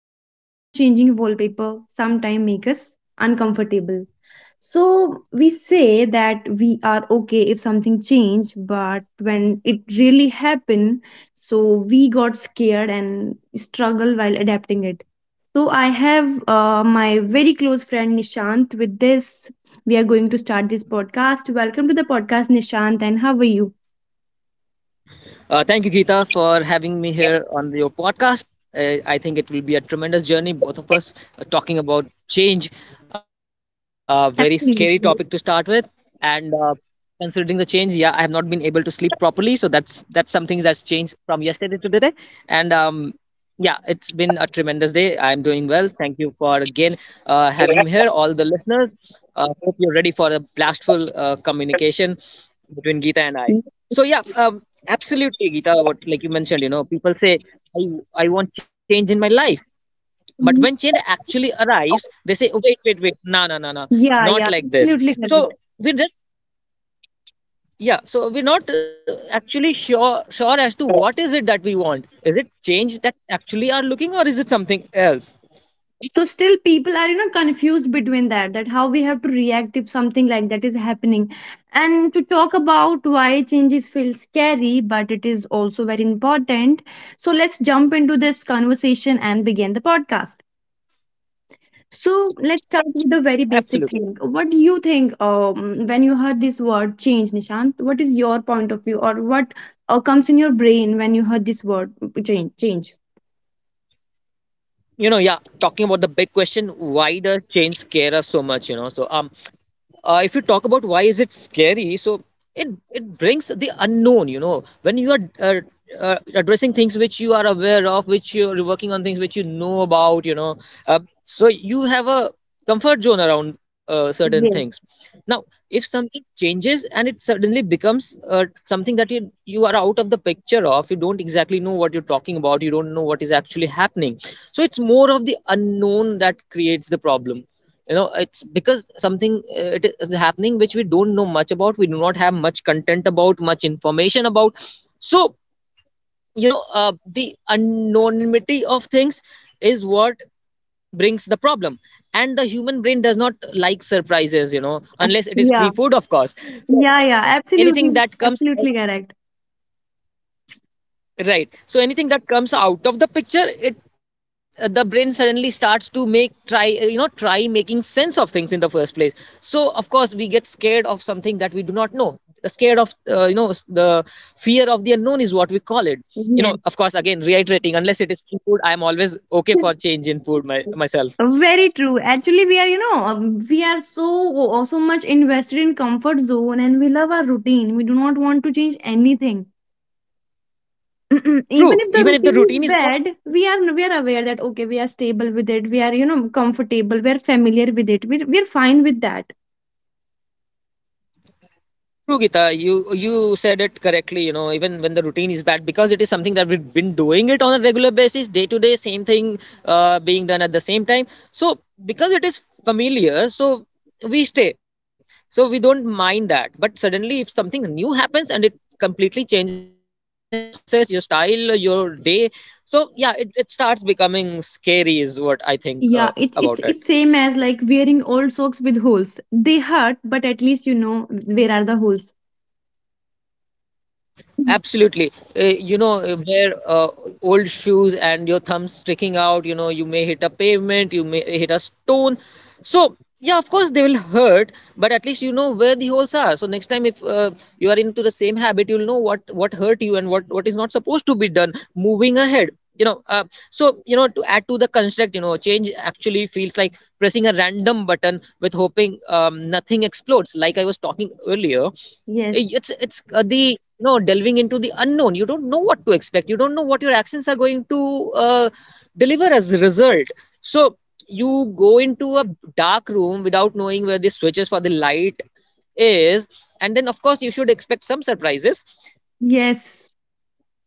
and even changing wallpaper sometimes make us uncomfortable. So we say that we are okay if something changed, but when it really happened, so we got scared and struggle while adapting it. So I have my very close friend Nishant with this. We are going to start this podcast. Welcome to the podcast, Nishant, and how are you? Thank you, Geeta, for having me here on your podcast. I think it will be a tremendous journey, both of us talking about change, a very scary Absolutely. topic to start with. And considering the change, yeah, I have not been able to sleep properly, so that's something that's changed from yesterday to today. And Yeah, it's been a tremendous day. I'm doing well. Thank you for again having me here, all the listeners. Hope you're ready for a blastful communication between Geeta and I. Absolutely, Geeta. What, like you mentioned, people say I I want change in my life, but when change actually arrives, they say, oh, wait, wait, wait, no, no, no, no, not Yeah, like yeah, this. absolutely So correct. we just yeah, so we're not actually sure as to what is it that we want. Is it change that actually are looking, or is it something else? So still people are, you know, confused between that how we have to react if something like that is happening, and to talk about why changes feel scary but it is also very important. So let's jump into this conversation and begin the podcast. So let's start with the very basic Absolutely. thing. What do you think when you heard this word change, Nishant? What is your point of view, or what comes in your brain when you heard this word change? Talking about the big question, why does change scare us so much, you know? If you talk about why is it scary, so it it brings the unknown, you know. When you are addressing things which you are aware of, which you're working on, things which you know about, you know, so you have a comfort zone around certain Yes. things. Now if something changes and it suddenly becomes something that you are out of the picture of, you don't exactly know what you're talking about, you don't know what is actually happening. So it's more of the unknown that creates the problem. You know, it's because something it is happening which we don't know much about, we do not have much content about, much information about. So you know, the anonymity of things is what brings the problem. And the human brain does not like surprises, you know, Uh, unless it is yeah, free food, of course. So yeah, yeah, absolutely. anything that comes out, Absolutely correct. right? So anything that comes out of the picture, it the brain suddenly starts to make try you know try making sense of things in the first place. So of course we get scared of something that we do not know. Scared of, uh, you know the fear of the unknown is what we call it. You know, Yes. of course, again reiterating, unless it is free food, I am always okay for change in food, myself. Very true. Actually, we are, you know, we are so so much invested in comfort zone, and we love our routine. We do not want to change anything. Even True if the even if the routine is routine is not bad, we are aware that okay, we are stable with it. We are, you know, comfortable. We are familiar with it. We're fine with that. True, Gita, you said it correctly. You know, even when the routine is bad, because it is something that we've been doing it on a regular basis, day to day, same thing being done at the same time. So because it is familiar, so we stay. So we don't mind that. But suddenly, if something new happens and it completely changes your thought process, your style, your day, so yeah, it starts becoming scary. Is what I think about Yeah, it. it's same as like wearing old socks with holes. They hurt, but at least you know where are the holes. Absolutely. Wear old shoes and your thumbs sticking out, you know, you may hit a pavement, you may hit a stone. So, yeah, of course, they will hurt, but at least you know where the holes are. So, next time, if you are into the same habit, you'll know what hurt you and what is not supposed to be done moving ahead. You know, so, you know, to add to the construct, you know, change actually feels like pressing a random button with hoping nothing explodes, like I was talking earlier. Yes, Eh, it's the you know, delving into the unknown, you don't know what to expect, you don't know what your actions are going to uh, deliver as a result. So you go into a dark room without knowing where the switches for the light is, and then of course you should expect some surprises. yes.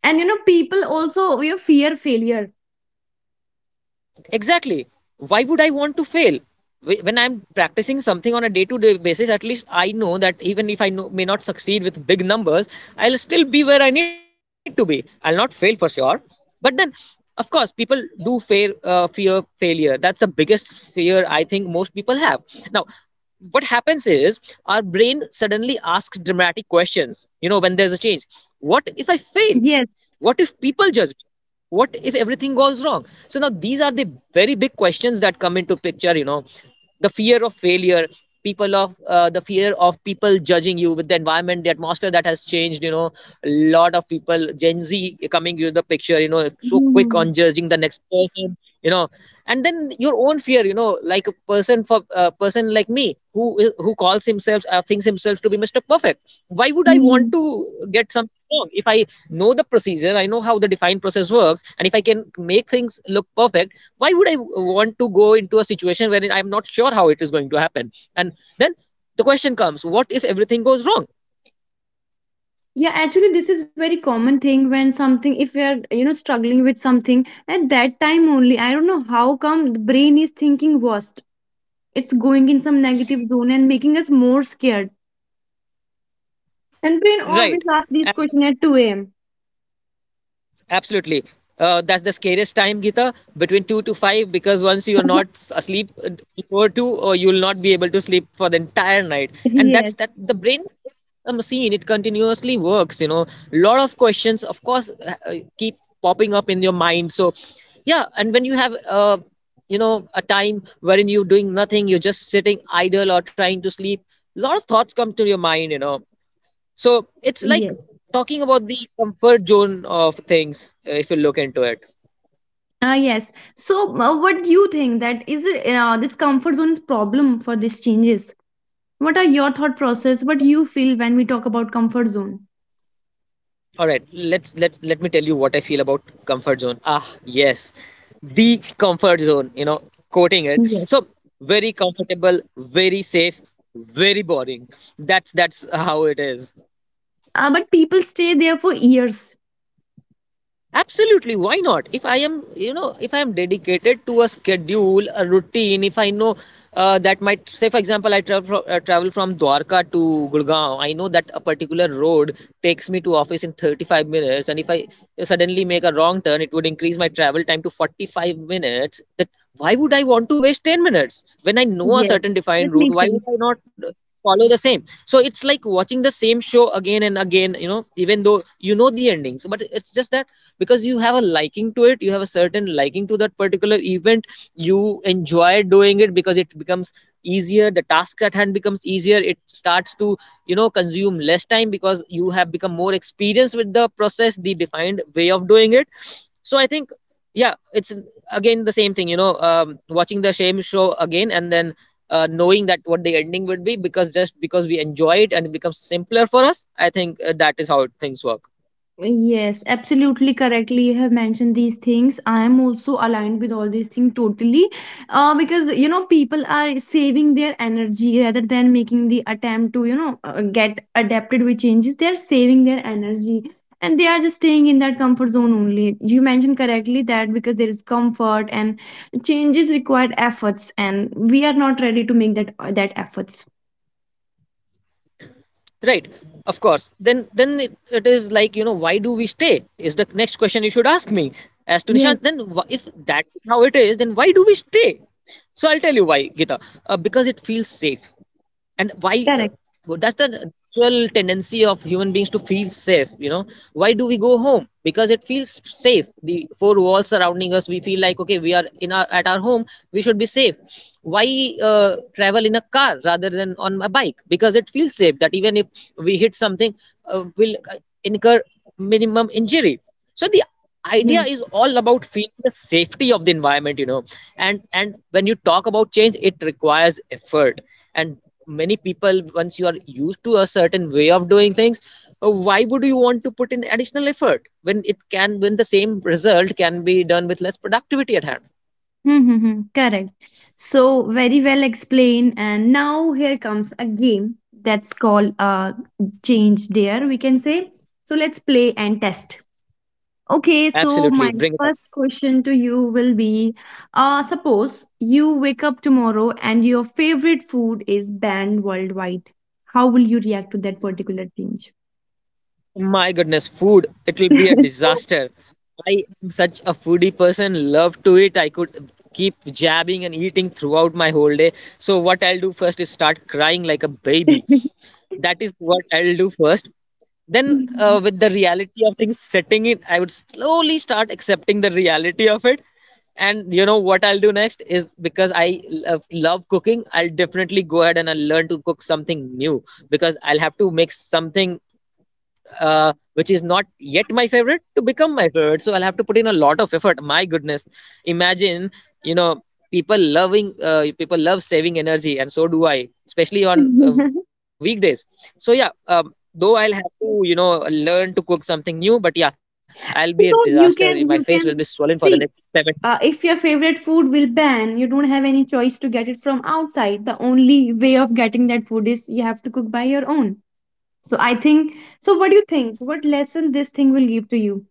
And you know, people also you fear failure. Exactly. Why would I want to fail? When I'm practicing something on a day to day basis, at least I know that, even if I know, may not succeed with big numbers, I'll still be where I need to be, I'll not fail for sure. But then of course people do fear failure. That's the biggest fear I think most people have. Now what happens is our brain suddenly asks dramatic questions, you know, when there's a change. What if I fail? Yes. What if people judge me? What if everything goes wrong? So now these are the very big questions that come into picture. You know, the fear of failure, people of the fear of people judging you, with the environment, the atmosphere that has changed. You know, a lot of people, Gen Z coming into the picture. You know, so quick Hmm. on judging the next person. You know, and then your own fear. You know, like a person, for a person like me, who is, who calls himself, or thinks himself to be Mr. Perfect. Why would I want Hmm. to get something wrong if I know the procedure? I know how the defined process works, and if I can make things look perfect, why would I want to go into a situation wherein I'm not sure how it is going to happen? And then the question comes: what if everything goes wrong? Yeah, actually, this is very common thing when something, if we are, you know, struggling with something at that time only, I don't know how come the brain is thinking worst. It's going in some negative zone and making us more scared. And brain always Right. asks these And questions at 2 a.m. absolutely, that's the scariest time, Gita, between 2 to 5, because once you are not asleep before 2, or you will not be able to sleep for the entire night. And that's Yes, that the brain is a machine, it continuously works, you know. Lot of questions, of course, keep popping up in your mind. So, yeah, and when you have, a time wherein you're doing nothing, you're just sitting idle or trying to sleep, lot of thoughts come to your mind, you know. So it's like yes. talking about the comfort zone of things, if you look into it. Ah, yes. So, what do you think that is it, this comfort zone is problem for these changes? What are your thought process? What you feel when we talk about comfort zone? All right, let me tell you what I feel about comfort zone. Ah, yes, the comfort zone. You know, quoting it. So very comfortable, very safe, very boring. That's how it is. But people stay there for years. Absolutely, why not? If I am, you know, if I am dedicated to a schedule, a routine, if I know that, might say, for example, I travel from Dwarka to Gurgaon, I know that a particular road takes me to office in 35 minutes, and if I suddenly make a wrong turn it would increase my travel time to 45 minutes, that why would I want to waste 10 minutes when I know a Yes, certain that defined route, makes why would sense. I not follow the same. So it's like watching the same show again and again, you know, even though you know the endings, but it's just that because you have a liking to it, you have a certain liking to that particular event, you enjoy doing it because it becomes easier, the task at hand becomes easier, it starts to, you know, consume less time because you have become more experienced with the process, the defined way of doing it. So I think, yeah, it's again the same thing, you know, watching the same show again, and then knowing that what the ending would be, because just because we enjoy it and it becomes simpler for us. I think that is how things work. Yes, absolutely correctly. You have mentioned these things. I am also aligned with all these things totally. Because, you know, people are saving their energy rather than making the attempt to, you know, get adapted with changes. They are saving their energy, and they are just staying in that comfort zone only. You mentioned correctly that because there is comfort, and changes required efforts, and we are not ready to make that efforts. Right, of course. Then, it is like, you know, why do we stay is the next question you should ask me, as to Yes, Nishant, if that is how it is, then why do we stay? So I'll tell you why, Gita. Because it feels safe. And why correct. Well, that's the natural tendency of human beings to feel safe, you know. Why do we go home? Because it feels safe, the four walls surrounding us, we feel like, okay, we are in our, at our home, we should be safe. Why travel in a car rather than on a bike? Because it feels safe, that even if we hit something, will incur minimum injury. So the idea Yes. is all about feeling the safety of the environment, you know. And when you talk about change, it requires effort. And many people, once you are used to a certain way of doing things, why would you want to put in additional effort when it can, when the same result can be done with less productivity at hand? Mm-hmm. Correct. So very well explained. And now here comes a game that's called change dare, we can say. So let's play and test. Okay, so Absolutely, my bring it on. first question to you will be suppose you wake up tomorrow and your favorite food is banned worldwide. How will you react to that particular change? My goodness, food, it will be a disaster. I am such a foodie person, love to eat. I could keep jabbing and eating throughout my whole day. So, what I'll do first is start crying like a baby. That is what I'll do first. Then, with the reality of things setting in, I would slowly start accepting the reality of it. And you know what I'll do next is because I love, love cooking, I'll definitely go ahead and I'll learn to cook something new because I'll have to make something which is not yet my favorite to become my favorite. So I'll have to put in a lot of effort. My goodness, imagine, you know, people love saving energy, and so do I, especially on weekdays. So yeah, though I'll have to, you know, learn to cook something new, but yeah, I'll be a disaster. So My face will be you swollen for can the next seven. see, if your favorite food will ban, you don't have any choice to get it from outside. The only way of getting that food is you have to cook by your own. So I think, so what do you think, what lesson this thing will give to you?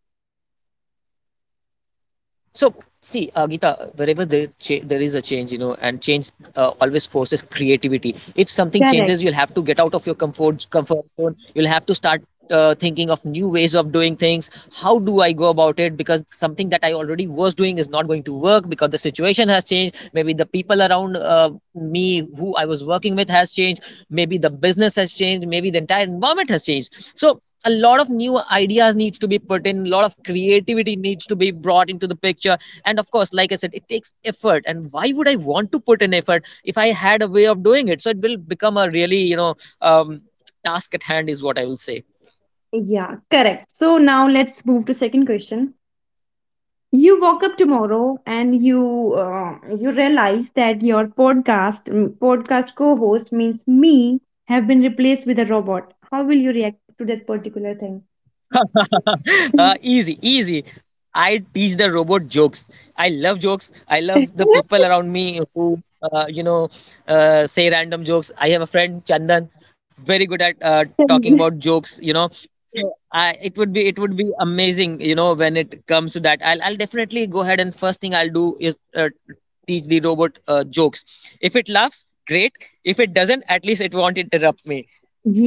So, see, Geeta, wherever there is a change, you know, and change always forces creativity. If something changes, Correct. you'll have to get out of your comfort zone. You'll have to start thinking of new ways of doing things. How do I go about it? Because something that I already was doing is not going to work because the situation has changed. Maybe the people around me who I was working with has changed. Maybe the business has changed. Maybe the entire environment has changed. So a lot of new ideas needs to be put in, a lot of creativity needs to be brought into the picture. And of course, like I said, it takes effort, and why would I want to put in effort if I had a way of doing it? So it will become a really, um, task at hand is what I will say. Yeah, correct. So now let's move to second question. You woke up tomorrow and you uh, you realize that your podcast podcast co-host means me have been replaced with a robot. How will you react to that particular thing? Easy, easy. I teach the robot jokes. I love jokes. I love the people around me who, you know, say random jokes. I have a friend Chandan, very good at talking about jokes, you know. So I it would be, it would be amazing. You know, when it comes to that, I'll definitely go ahead, and first thing I'll do is teach the robot jokes. If it laughs, great. If it doesn't, at least it won't interrupt me.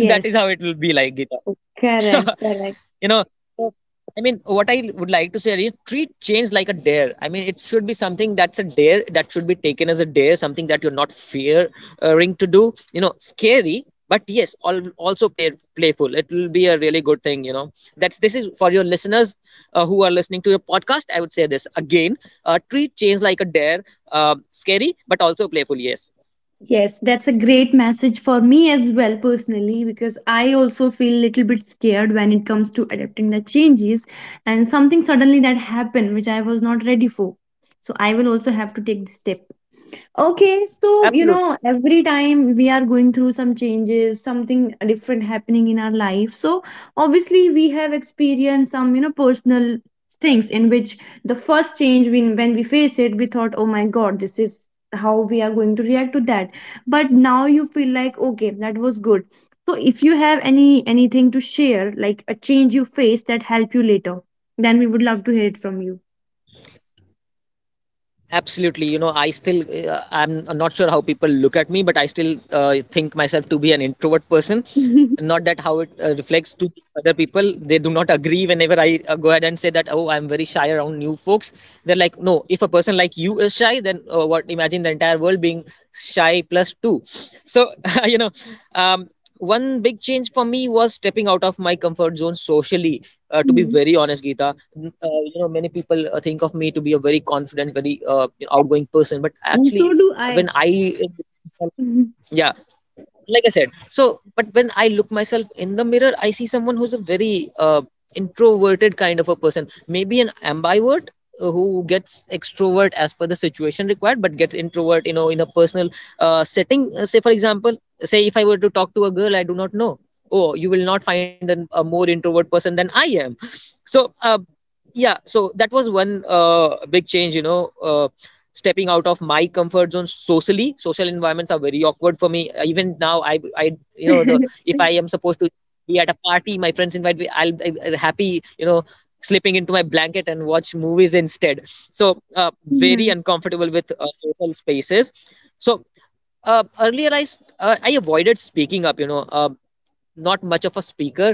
That is how it will be like, Gita. oh, correct, correct. You know, so, I mean, what I would like to say is treat change like a dare. I mean, it should be something that's a dare, that should be taken as a dare, something that you're not fearing to do, you know, scary but yes, also playful. It will be a really good thing, you know. That's, this is for your listeners who are listening to your podcast. I would say this again, treat change like a dare, scary but also playful, yes. Yes, that's a great message for me as well personally, because I also feel a little bit scared when it comes to adapting the changes and something suddenly that happened which I was not ready for. So I will also have to take the step. Okay, so you know, Absolutely, every time we are going through some changes, something different happening in our life. So obviously, we have experienced some, you know, personal things in which the first change, when we face it, we thought, oh my god, this is how we are going to react to that. But now you feel like okay, that was good. So if you have any anything to share, like a change you faced that help you later, then we would love to hear it from you. absolutely. You know, I still, I'm not sure how people look at me, but I still think myself to be an introvert person. Not that how it reflects to other people. They do not agree whenever I go ahead and say that, oh, I'm very shy around new folks. They're like, no, if a person like you is shy, then what, imagine the entire world being shy plus two. So you know, um, one big change for me was stepping out of my comfort zone socially. To be Mhm. very honest, Geeta, you know, many people think of me to be a very confident, very, you know, outgoing person, but And so actually do I. when I, yeah, like I said. So but when I look myself in the mirror, I see someone who's a very introverted kind of a person, maybe an ambivert, who gets extrovert as per the situation required, but gets introvert, you know, in a personal setting. Say for example, say if I were to talk to a girl I do not know, oh, you will not find a more introvert person than I am. So yeah, so that was one big change, you know, uh, stepping out of my comfort zone socially. Social environments are very awkward for me. Even now, I you know, the, if I am supposed to be at a party, my friends invite me, I'll be happy, you know, slipping into my blanket and watch movies instead. So uh, very Mhm. uncomfortable with social spaces. So earlier I avoided speaking up, you know, not much of a speaker,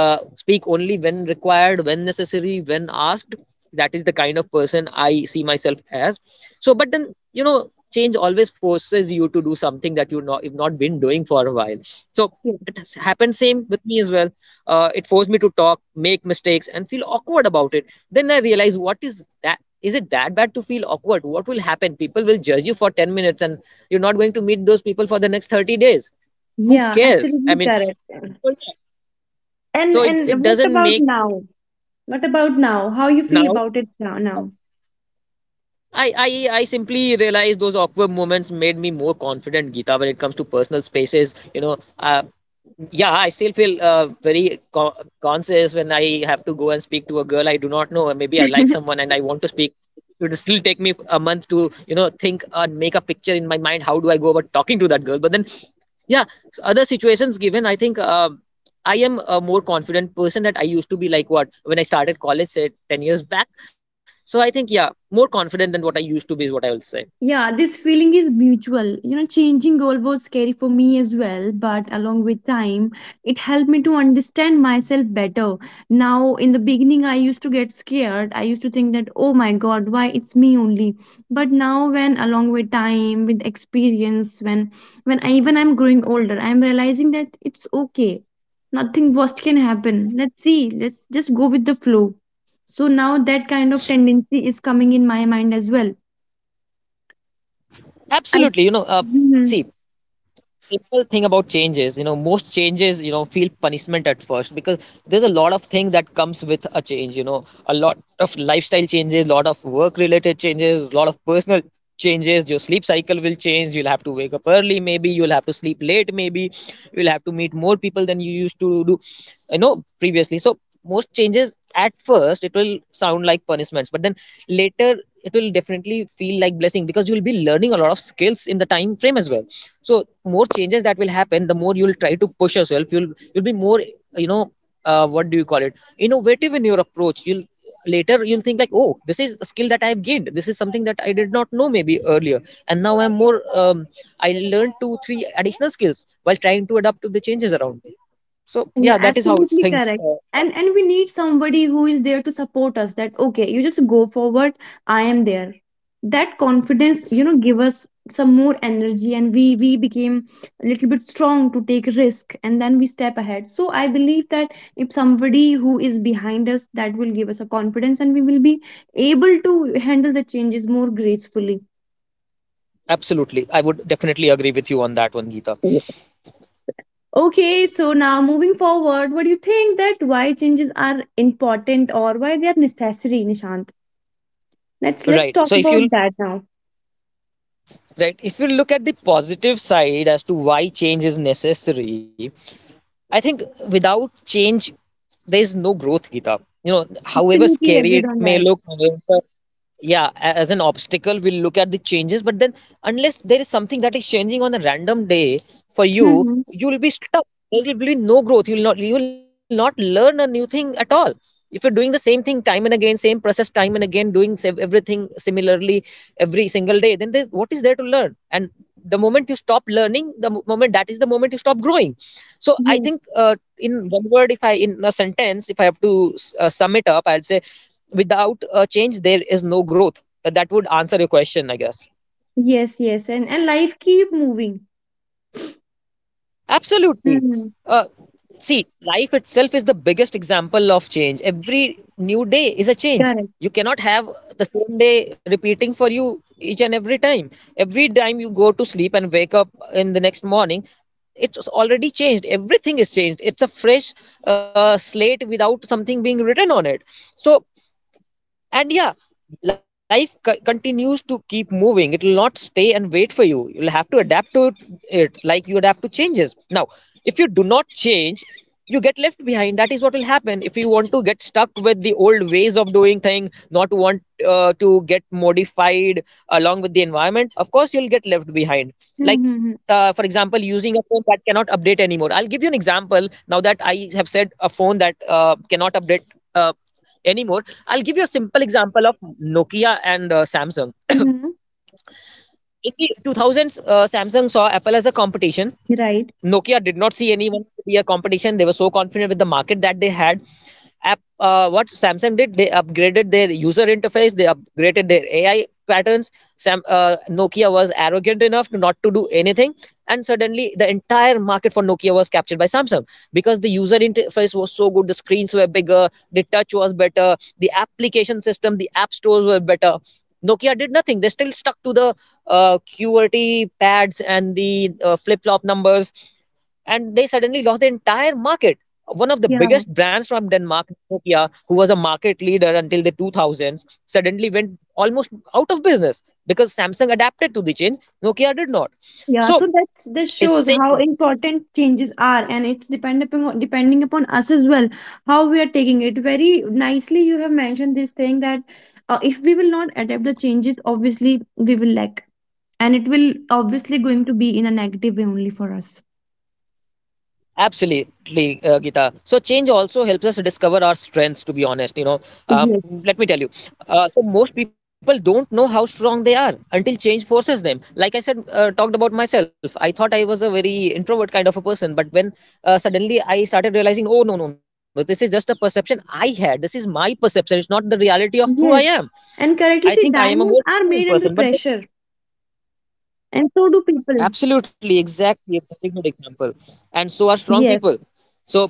speak only when required, when necessary, when asked. That is the kind of person I see myself as. So but then, you know, change always forces you to do something that you've not been doing for a while. So Yeah. it has happened same with me as well. It forced me to talk, make mistakes and feel awkward about it. Then I realized, what is that, is it that bad to feel awkward? What will happen, people will judge you for 10 minutes, and you're not going to meet those people for the next 30 days. Who Yeah, cares? I absolutely mean, correct. correct. So it, And it what doesn't about make, now? What about now? How you feel now, about it now? Now? I simply realize those awkward moments made me more confident, Geeta, when it comes to personal spaces. You know, yeah, I still feel very conscious when I have to go and speak to a girl I do not know, or maybe I like someone and I want to speak. It will still take me a month to, you know, think and make a picture in my mind. How do I go about talking to that girl? But then, yeah, other situations given, I think. I am a more confident person that I used to be, like what when I started college, say 10 years back. So I think, yeah, more confident than what I used to be is what I will say. Yeah, this feeling is mutual. You know, changing goal was scary for me as well, but along with time, it helped me to understand myself better. Now, in the beginning, I used to get scared. I used to think that, oh my God, why it's me only. But now, when along with time, with experience, when I'm growing older, I'm realizing that it's okay. Nothing worst can happen. Let's see. Let's just go with the flow. So now that kind of tendency is coming in my mind as well I Absolutely. You know, Mhm. see, simple thing about changes, you know, most changes, you know, feel punishment at first, because there's a lot of things that comes with a change, you know, a lot of lifestyle changes, a lot of work related changes, a lot of personal changes. Your sleep cycle will change, you'll have to wake up early, maybe you'll have to sleep late, maybe you'll have to meet more people than you used to do, you know, previously. So most changes at first, it will sound like punishments, but then later it will definitely feel like blessing, because you will be learning a lot of skills in the time frame as well. So more changes that will happen, the more you'll try to push yourself, you'll be more, you know, what do you call it, innovative in your approach. You'll, later you'll think like, oh, this is a skill that I've gained, this is something that I did not know maybe earlier. And now I'm more, I learned two, three additional skills while trying to adapt to the changes around me. So You're yeah, that is how absolutely things, correct. And we need somebody who is there to support us that okay, you just go forward, I am there. That confidence, you know, give us some more energy, and we became a little bit strong to take risk, and then we step ahead. So I believe that if somebody who is behind us, that will give us a confidence, and we will be able to handle the changes more gracefully. absolutely. I would definitely agree with you on that one, Geeta. Okay, so now moving forward, what do you think that why changes are important or why they are necessary, Nishant? Let's Right. talk So if you'll, about that now. right, if you look at the positive side as to why change is necessary, I think without change there is no growth, Geeta. You know, however Absolutely scary agreed it on may that. look, however, yeah, as an obstacle we'll look at the changes, but then unless there is something that is changing on a random day for you, Mm-hmm. you will be stuck. There will be no growth. You will not you will not learn a new thing at all. If you're doing the same thing time and again, same process time and again, everything similarly every single day, then there, what is there to learn? And the moment you stop learning, the mo- moment that is the moment you stop growing. So I Yes. think in a sentence, if I have to sum it up, I'll say without a change there is no growth. That would answer your question, I guess. Yes, yes, and life keep moving. Absolutely. Mm-hmm. uh, see, life itself is the biggest example of change. Every new day is a change. Correct. You cannot have the same day repeating for you each and every time. Every time you go to sleep and wake up in the next morning, it's already changed. Everything is changed. It's a fresh slate without something being written on it. So, and yeah, life continues to keep moving. It will not stay and wait for you. You'll have to adapt to it, like you adapt to changes now. If you do not change, you get left behind. That is what will happen if you want to get stuck with the old ways of doing thing, not want to get modified along with the environment. Of course, you'll get left behind. Like Mm-hmm. For example, using a phone that cannot update anymore. I'll give you an example, now that I have said a phone that cannot update uh, anymore. I'll give you a simple example of Nokia and Samsung. Mm-hmm. In the 2000s, Samsung saw Apple as a competition. Right. Nokia did not see anyone to be a competition. They were so confident with the market that they had. What Samsung did, they upgraded their user interface. They upgraded their AI patterns. Nokia was arrogant enough to not to do anything, and suddenly the entire market for Nokia was captured by Samsung because the user interface was so good. The screens were bigger. The touch was better. The application system, the app stores were better. Nokia did nothing. They still stuck to the QWERTY pads and the flip flop numbers, and they suddenly lost the entire market. One of the Yeah. biggest brands from Denmark, Nokia, who was a market leader until the 2000s, suddenly went almost out of business because Samsung adapted to the change. Nokia did not. Yeah, So so that this it's shows how same. important changes are, and it's depending upon us as well how we are taking it. Very nicely, you have mentioned this thing that if we will not adapt the changes, obviously we will lack, and it will obviously going to be in a negative way only for us. Absolutely, Gita. So change also helps us discover our strengths. To be honest, you know, um, Yes, let me tell you. So most people don't know how strong they are until change forces them. Like I said, talked about myself. I thought I was a very introvert kind of a person, but when suddenly I started realizing, oh, no, no, no, this is just a perception I had. This is my perception. It's not the reality of who I am. yes, and I correctly, think see, I am a more diamonds are confident made person, under but pressure, and so do people. absolutely, exactly, a very good example. And so are strong Yes, people. So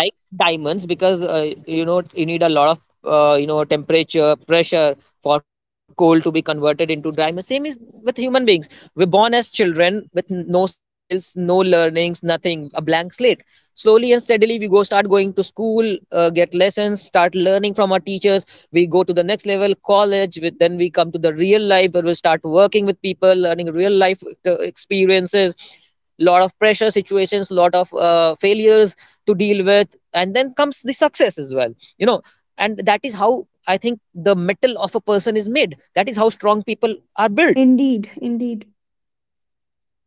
like diamonds, because you know, you need a lot of you know, temperature pressure for coal to be converted into diamond. Same is with human beings. We're born as children with no skills, no learnings, nothing, a blank slate. Slowly and steadily, we go start going to school, get lessons, start learning from our teachers. We go to the next level, college with, then we come to the real life where we start working with people, learning real life experiences, lot of pressure situations, lot of failures to deal with, and then comes the success as well, you know. And that is how I think the metal of a person is made. That is how strong people are built. indeed, indeed.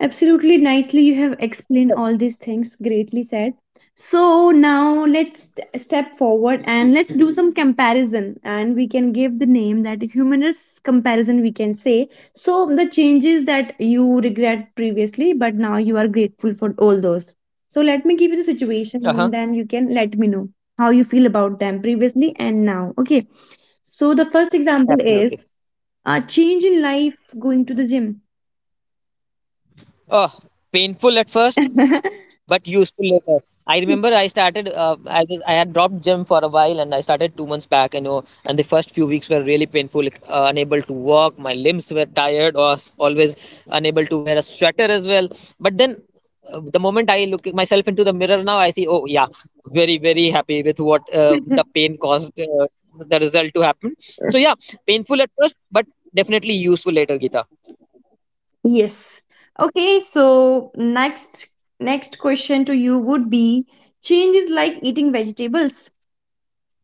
Absolutely nicely, you have explained all these things. Greatly said. So now let's step forward and let's do some comparison, and we can give the name that humanist comparison we can say. So the changes that you regret previously, but now you are grateful for all those. So let me give you the situation, Uh-huh. and then you can let me know how you feel about them previously and now. Okay. So the first example is Absolutely. a change in life going to the gym. Oh, painful at first. But useful later. I remember I started. I had dropped gym for a while, and I started 2 months back. You know, and the first few weeks were really painful. Like, unable to walk, my limbs were tired. I was always unable to wear a sweater as well. But then, the moment I look at myself into the mirror now, I see. Oh yeah, very, very happy with what the pain caused the result to happen. So yeah, painful at first, but definitely useful later, Gita. Yes. Okay, so next next question to you would be change is like eating vegetables.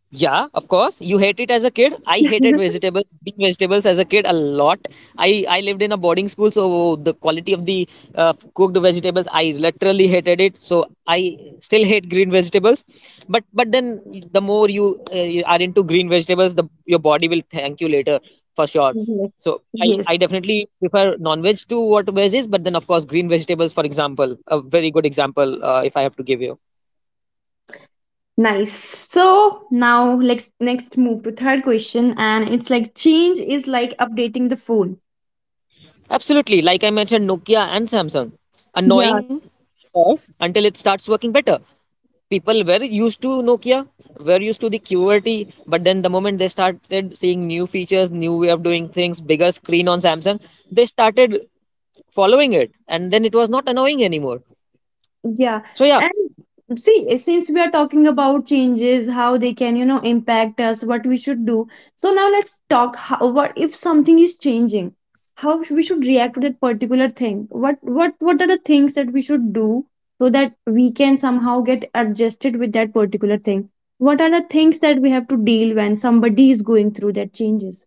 Yeah, of course. You hate it as a kid. I hated vegetables, eating vegetables as a kid a lot. I lived in a boarding school, so the quality of the cooked vegetables, I literally hated it. So I still hate green vegetables. But then the more you, you are into green vegetables, the your body will thank you later for sure. Yes. So I, Yes. I definitely prefer non-veg to what veg is. But then of course green vegetables, for example, a very good example if I have to give you. Nice. So now let's next move to third question, and it's like change is like updating the phone. Absolutely, like I mentioned, Nokia and Samsung. Yeah. Annoying until it starts working better. People were used to Nokia, were used to the QWERTY, but then the moment they started seeing new features, new way of doing things, bigger screen on Samsung, they started following it, and then it was not annoying anymore. Yeah, So yeah, and see, eh, since we are talking about changes, how they can, you know, impact us, what we should do. So now let's talk how, what if something is changing, how we should react to that particular thing. What are the things that we should do so that we can somehow get adjusted with that particular thing? What are the things that we have to deal when somebody is going through that changes?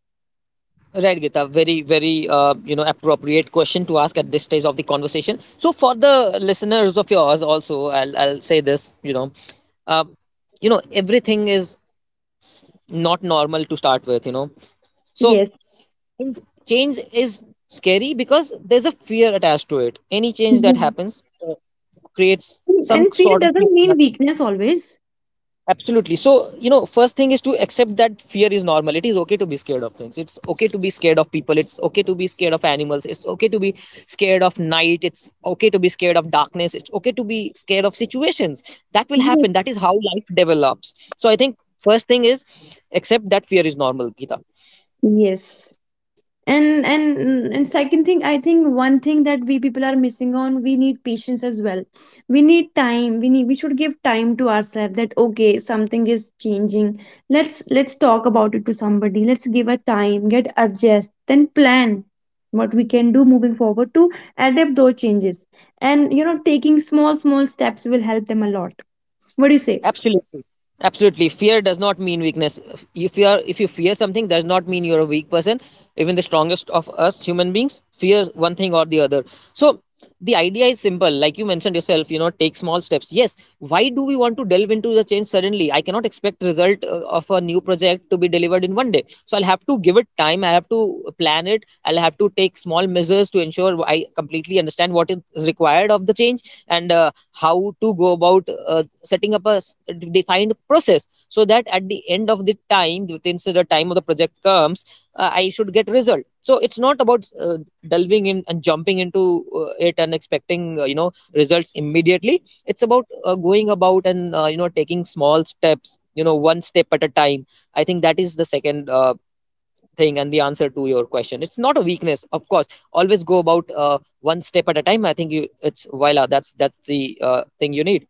right, Gita. Very, very, you know, appropriate question to ask at this stage of the conversation. So for the listeners of yours, also, I'll say this, you know, uh, you know, everything is not normal to start with, you know. So Yes. change is scary because there's a fear attached to it. Any change Yeah. that happens creates some And fear sort of doesn't fear. mean weakness always. Absolutely. So you know, first thing is to accept that fear is normal. It is okay to be scared of things, it's okay to be scared of people, it's okay to be scared of animals, it's okay to be scared of night, it's okay to be scared of darkness, it's okay to be scared of situations that will Yes. happen. That is how life develops. So I think first thing is accept that fear is normal, Gita. Yes. And and second thing, I think one thing that we people are missing on, we need patience as well. We need time, we need, we should give time to ourselves that okay, something is changing, let's talk about it to somebody, let's give a time, get adjust, then plan what we can do moving forward to adapt those changes. And you know, taking small small steps will help them a lot. What do you say? Absolutely. Absolutely. Fear does not mean weakness. If you fear something does not mean you're a weak person. Even the strongest of us human beings fear one thing or the other. So the idea is simple. Like you mentioned yourself, you know, take small steps. Yes. Why do we want to delve into the change suddenly? I cannot expect result of a new project to be delivered in one day. So I'll have to give it time. I have to plan it. I'll have to take small measures to ensure I completely understand what is required of the change, and how to go about setting up a defined process so that at the end of the time within, so the time of the project comes, I should get result. So it's not about delving in and jumping into it and expecting you know, results immediately. It's about going about and you know, taking small steps, you know, one step at a time. I think that is the second thing, and the answer to your question, it's not a weakness, of course. Always go about one step at a time. I think you, it's voila, that's the thing you need.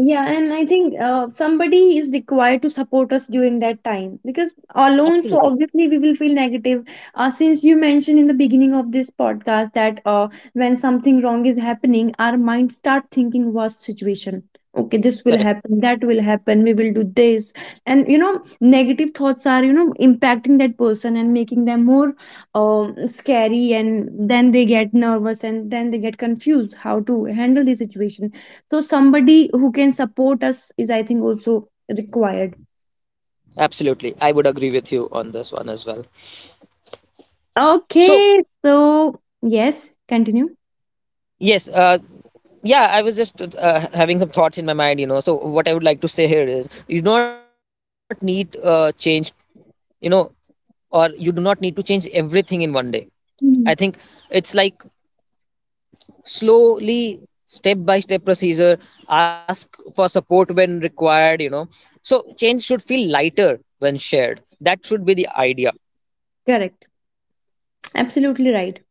Yeah, and I think somebody is required to support us during that time, because alone, so Absolutely. obviously we will feel negative. Since you mentioned in the beginning of this podcast that when something wrong is happening, our mind start thinking worst situation. Okay, this will Correct. happen, that will happen, we will do this. And you know, negative thoughts are, you know, impacting that person and making them more scary, and then they get nervous and then they get confused how to handle the situation. So somebody who can support us is, I think, also required. Absolutely, I would agree with you on this one as well. So Okay, so yes, continue. yes, yeah I was just having some thoughts in my mind, you know. So what I would like to say here is, you do not need change, you know, or you do not need to change everything in one day. I think Mhm. it's like slowly step by step procedure. Ask for support when required, you know. So change should feel lighter when shared. That should be the idea. Correct. Absolutely right.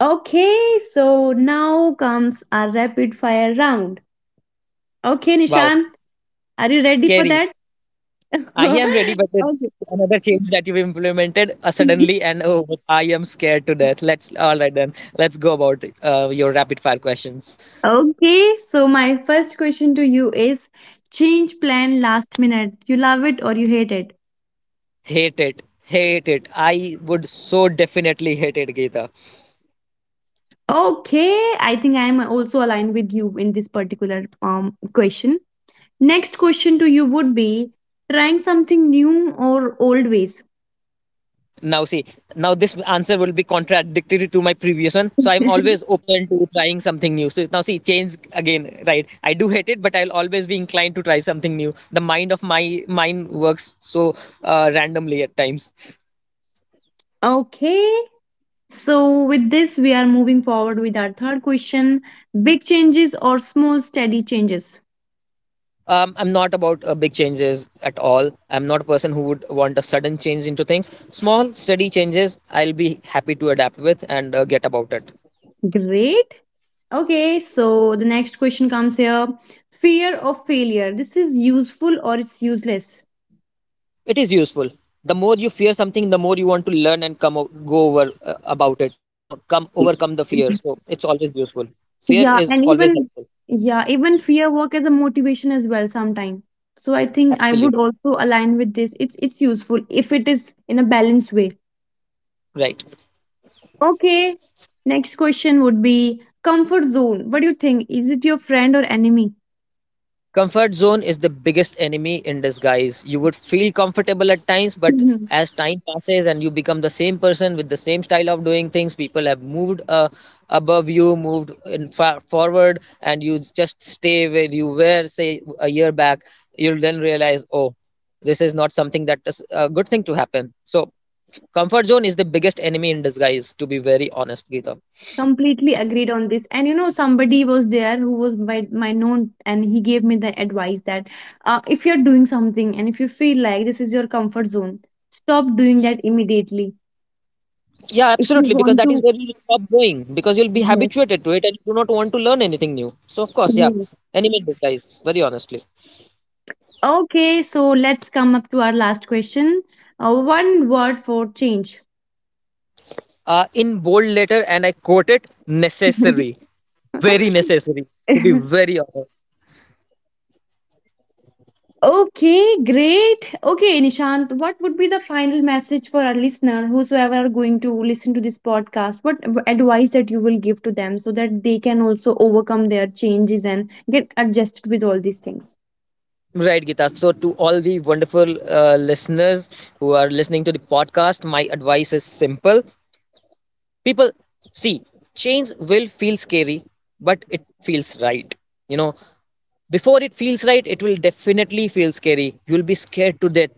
Okay, so now comes our rapid fire round. Okay, Wow. Nishan, are you ready for Scary. that? I am ready, but it, Okay. another change that you've implemented suddenly, and oh, I am scared to death. Let's, all right then, let's go about your rapid fire questions. Okay, so my first question to you is, change plan last minute, you love it or you hate it? Hate it, hate it, I would so definitely hate it, Geeta. Okay, I think I am also aligned with you in this particular um question. Next question to you would be trying something new or old ways. Now see, now this answer will be contradictory to my previous one. So I'm always open to trying something new. So now see, change again, right? I do hate it, but I'll always be inclined to try something new. The mind of my mind works so randomly at times. Okay. So, with this, we are moving forward with our third question: big changes or small, steady changes? I'm not about big changes at all. I'm not a person who would want a sudden change into things. Small, steady changes, I'll be happy to adapt with and get about it. Great. Okay. So, the next question comes here: fear of failure. This is useful or it's useless? It is useful. The more you fear something, the more you want to learn and go over about it, you know, come overcome the fear. So it's always useful. Fear Yeah. is And always even, helpful. yeah, even fear work as a motivation as well sometimes. So I think I Absolute. would also align with this. It's useful if it is in a balanced way. Right. Okay. Next question would be comfort zone. What do you think? Is it your friend or enemy? Comfort zone is the biggest enemy in disguise. You would feel comfortable at times, but Mhm. as time passes and you become the same person with the same style of doing things, people have moved above you, moved in forward, and you just stay where you were, say, a year back. You'll then realize, oh, this is not something that is a good thing to happen. So, comfort zone is the biggest enemy in disguise, to be very honest, Geeta. Completely agreed on this. And you know, somebody was there who was my, my known, and he gave me the advice that if you're doing something and if you feel like this is your comfort zone, stop doing that immediately. Yeah, If you absolutely, because want that is to. where you stop going, because you'll be Yes. habituated to it, and you do not want to learn anything new. So, of course, yeah, Yes. animate this, guys, very honestly. Okay, so let's come up to our last question. One word for change. In bold letter, and I quote it necessary, very necessary, to be very honest. Okay, great. Okay, Nishant, what would be the final message for our listener, whosoever are going to listen to this podcast? What advice that you will give to them so that they can also overcome their changes and get adjusted with all these things? Right, Gita. So, to all the wonderful listeners who are listening to the podcast, my advice is simple. People, see, change will feel scary, but it feels right, you know. Before it feels right, it will definitely feel scary. You'll be scared to death.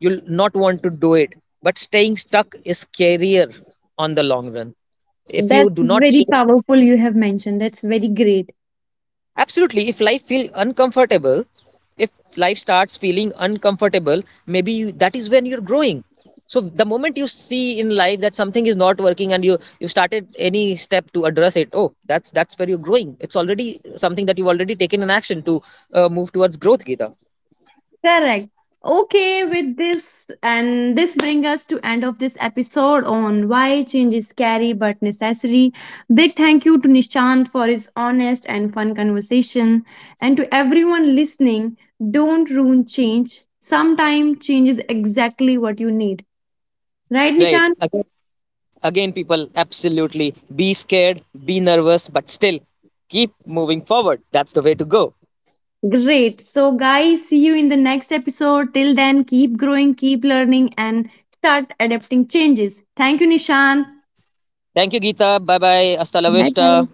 You'll not want to do it, but staying stuck is scarier on the long run. If you That's do not very change. powerful, you have mentioned. That's very great. Absolutely. If life feels uncomfortable, if life starts feeling uncomfortable, maybe you, that is when you're growing. So the moment you see in life that something is not working, and you started any step to address it, oh, that's where you're growing. It's already something that you've already taken an action to move towards growth, Gita. Correct. Okay, with this, and this bring us to end of this episode on why change is scary but necessary. Big thank you to Nishant for his honest and fun conversation, and to everyone listening, don't ruin change. Sometimes change is exactly what you need. Right, Right. Nishant? Again, again, people, absolutely. Be scared, be nervous, but still keep moving forward. That's the way to go. Great. So guys, see you in the next episode. Till then, keep growing, keep learning, and start adapting changes. Thank you, Nishant. Thank you, Gita. Bye bye. Hasta la Bye bye. vista.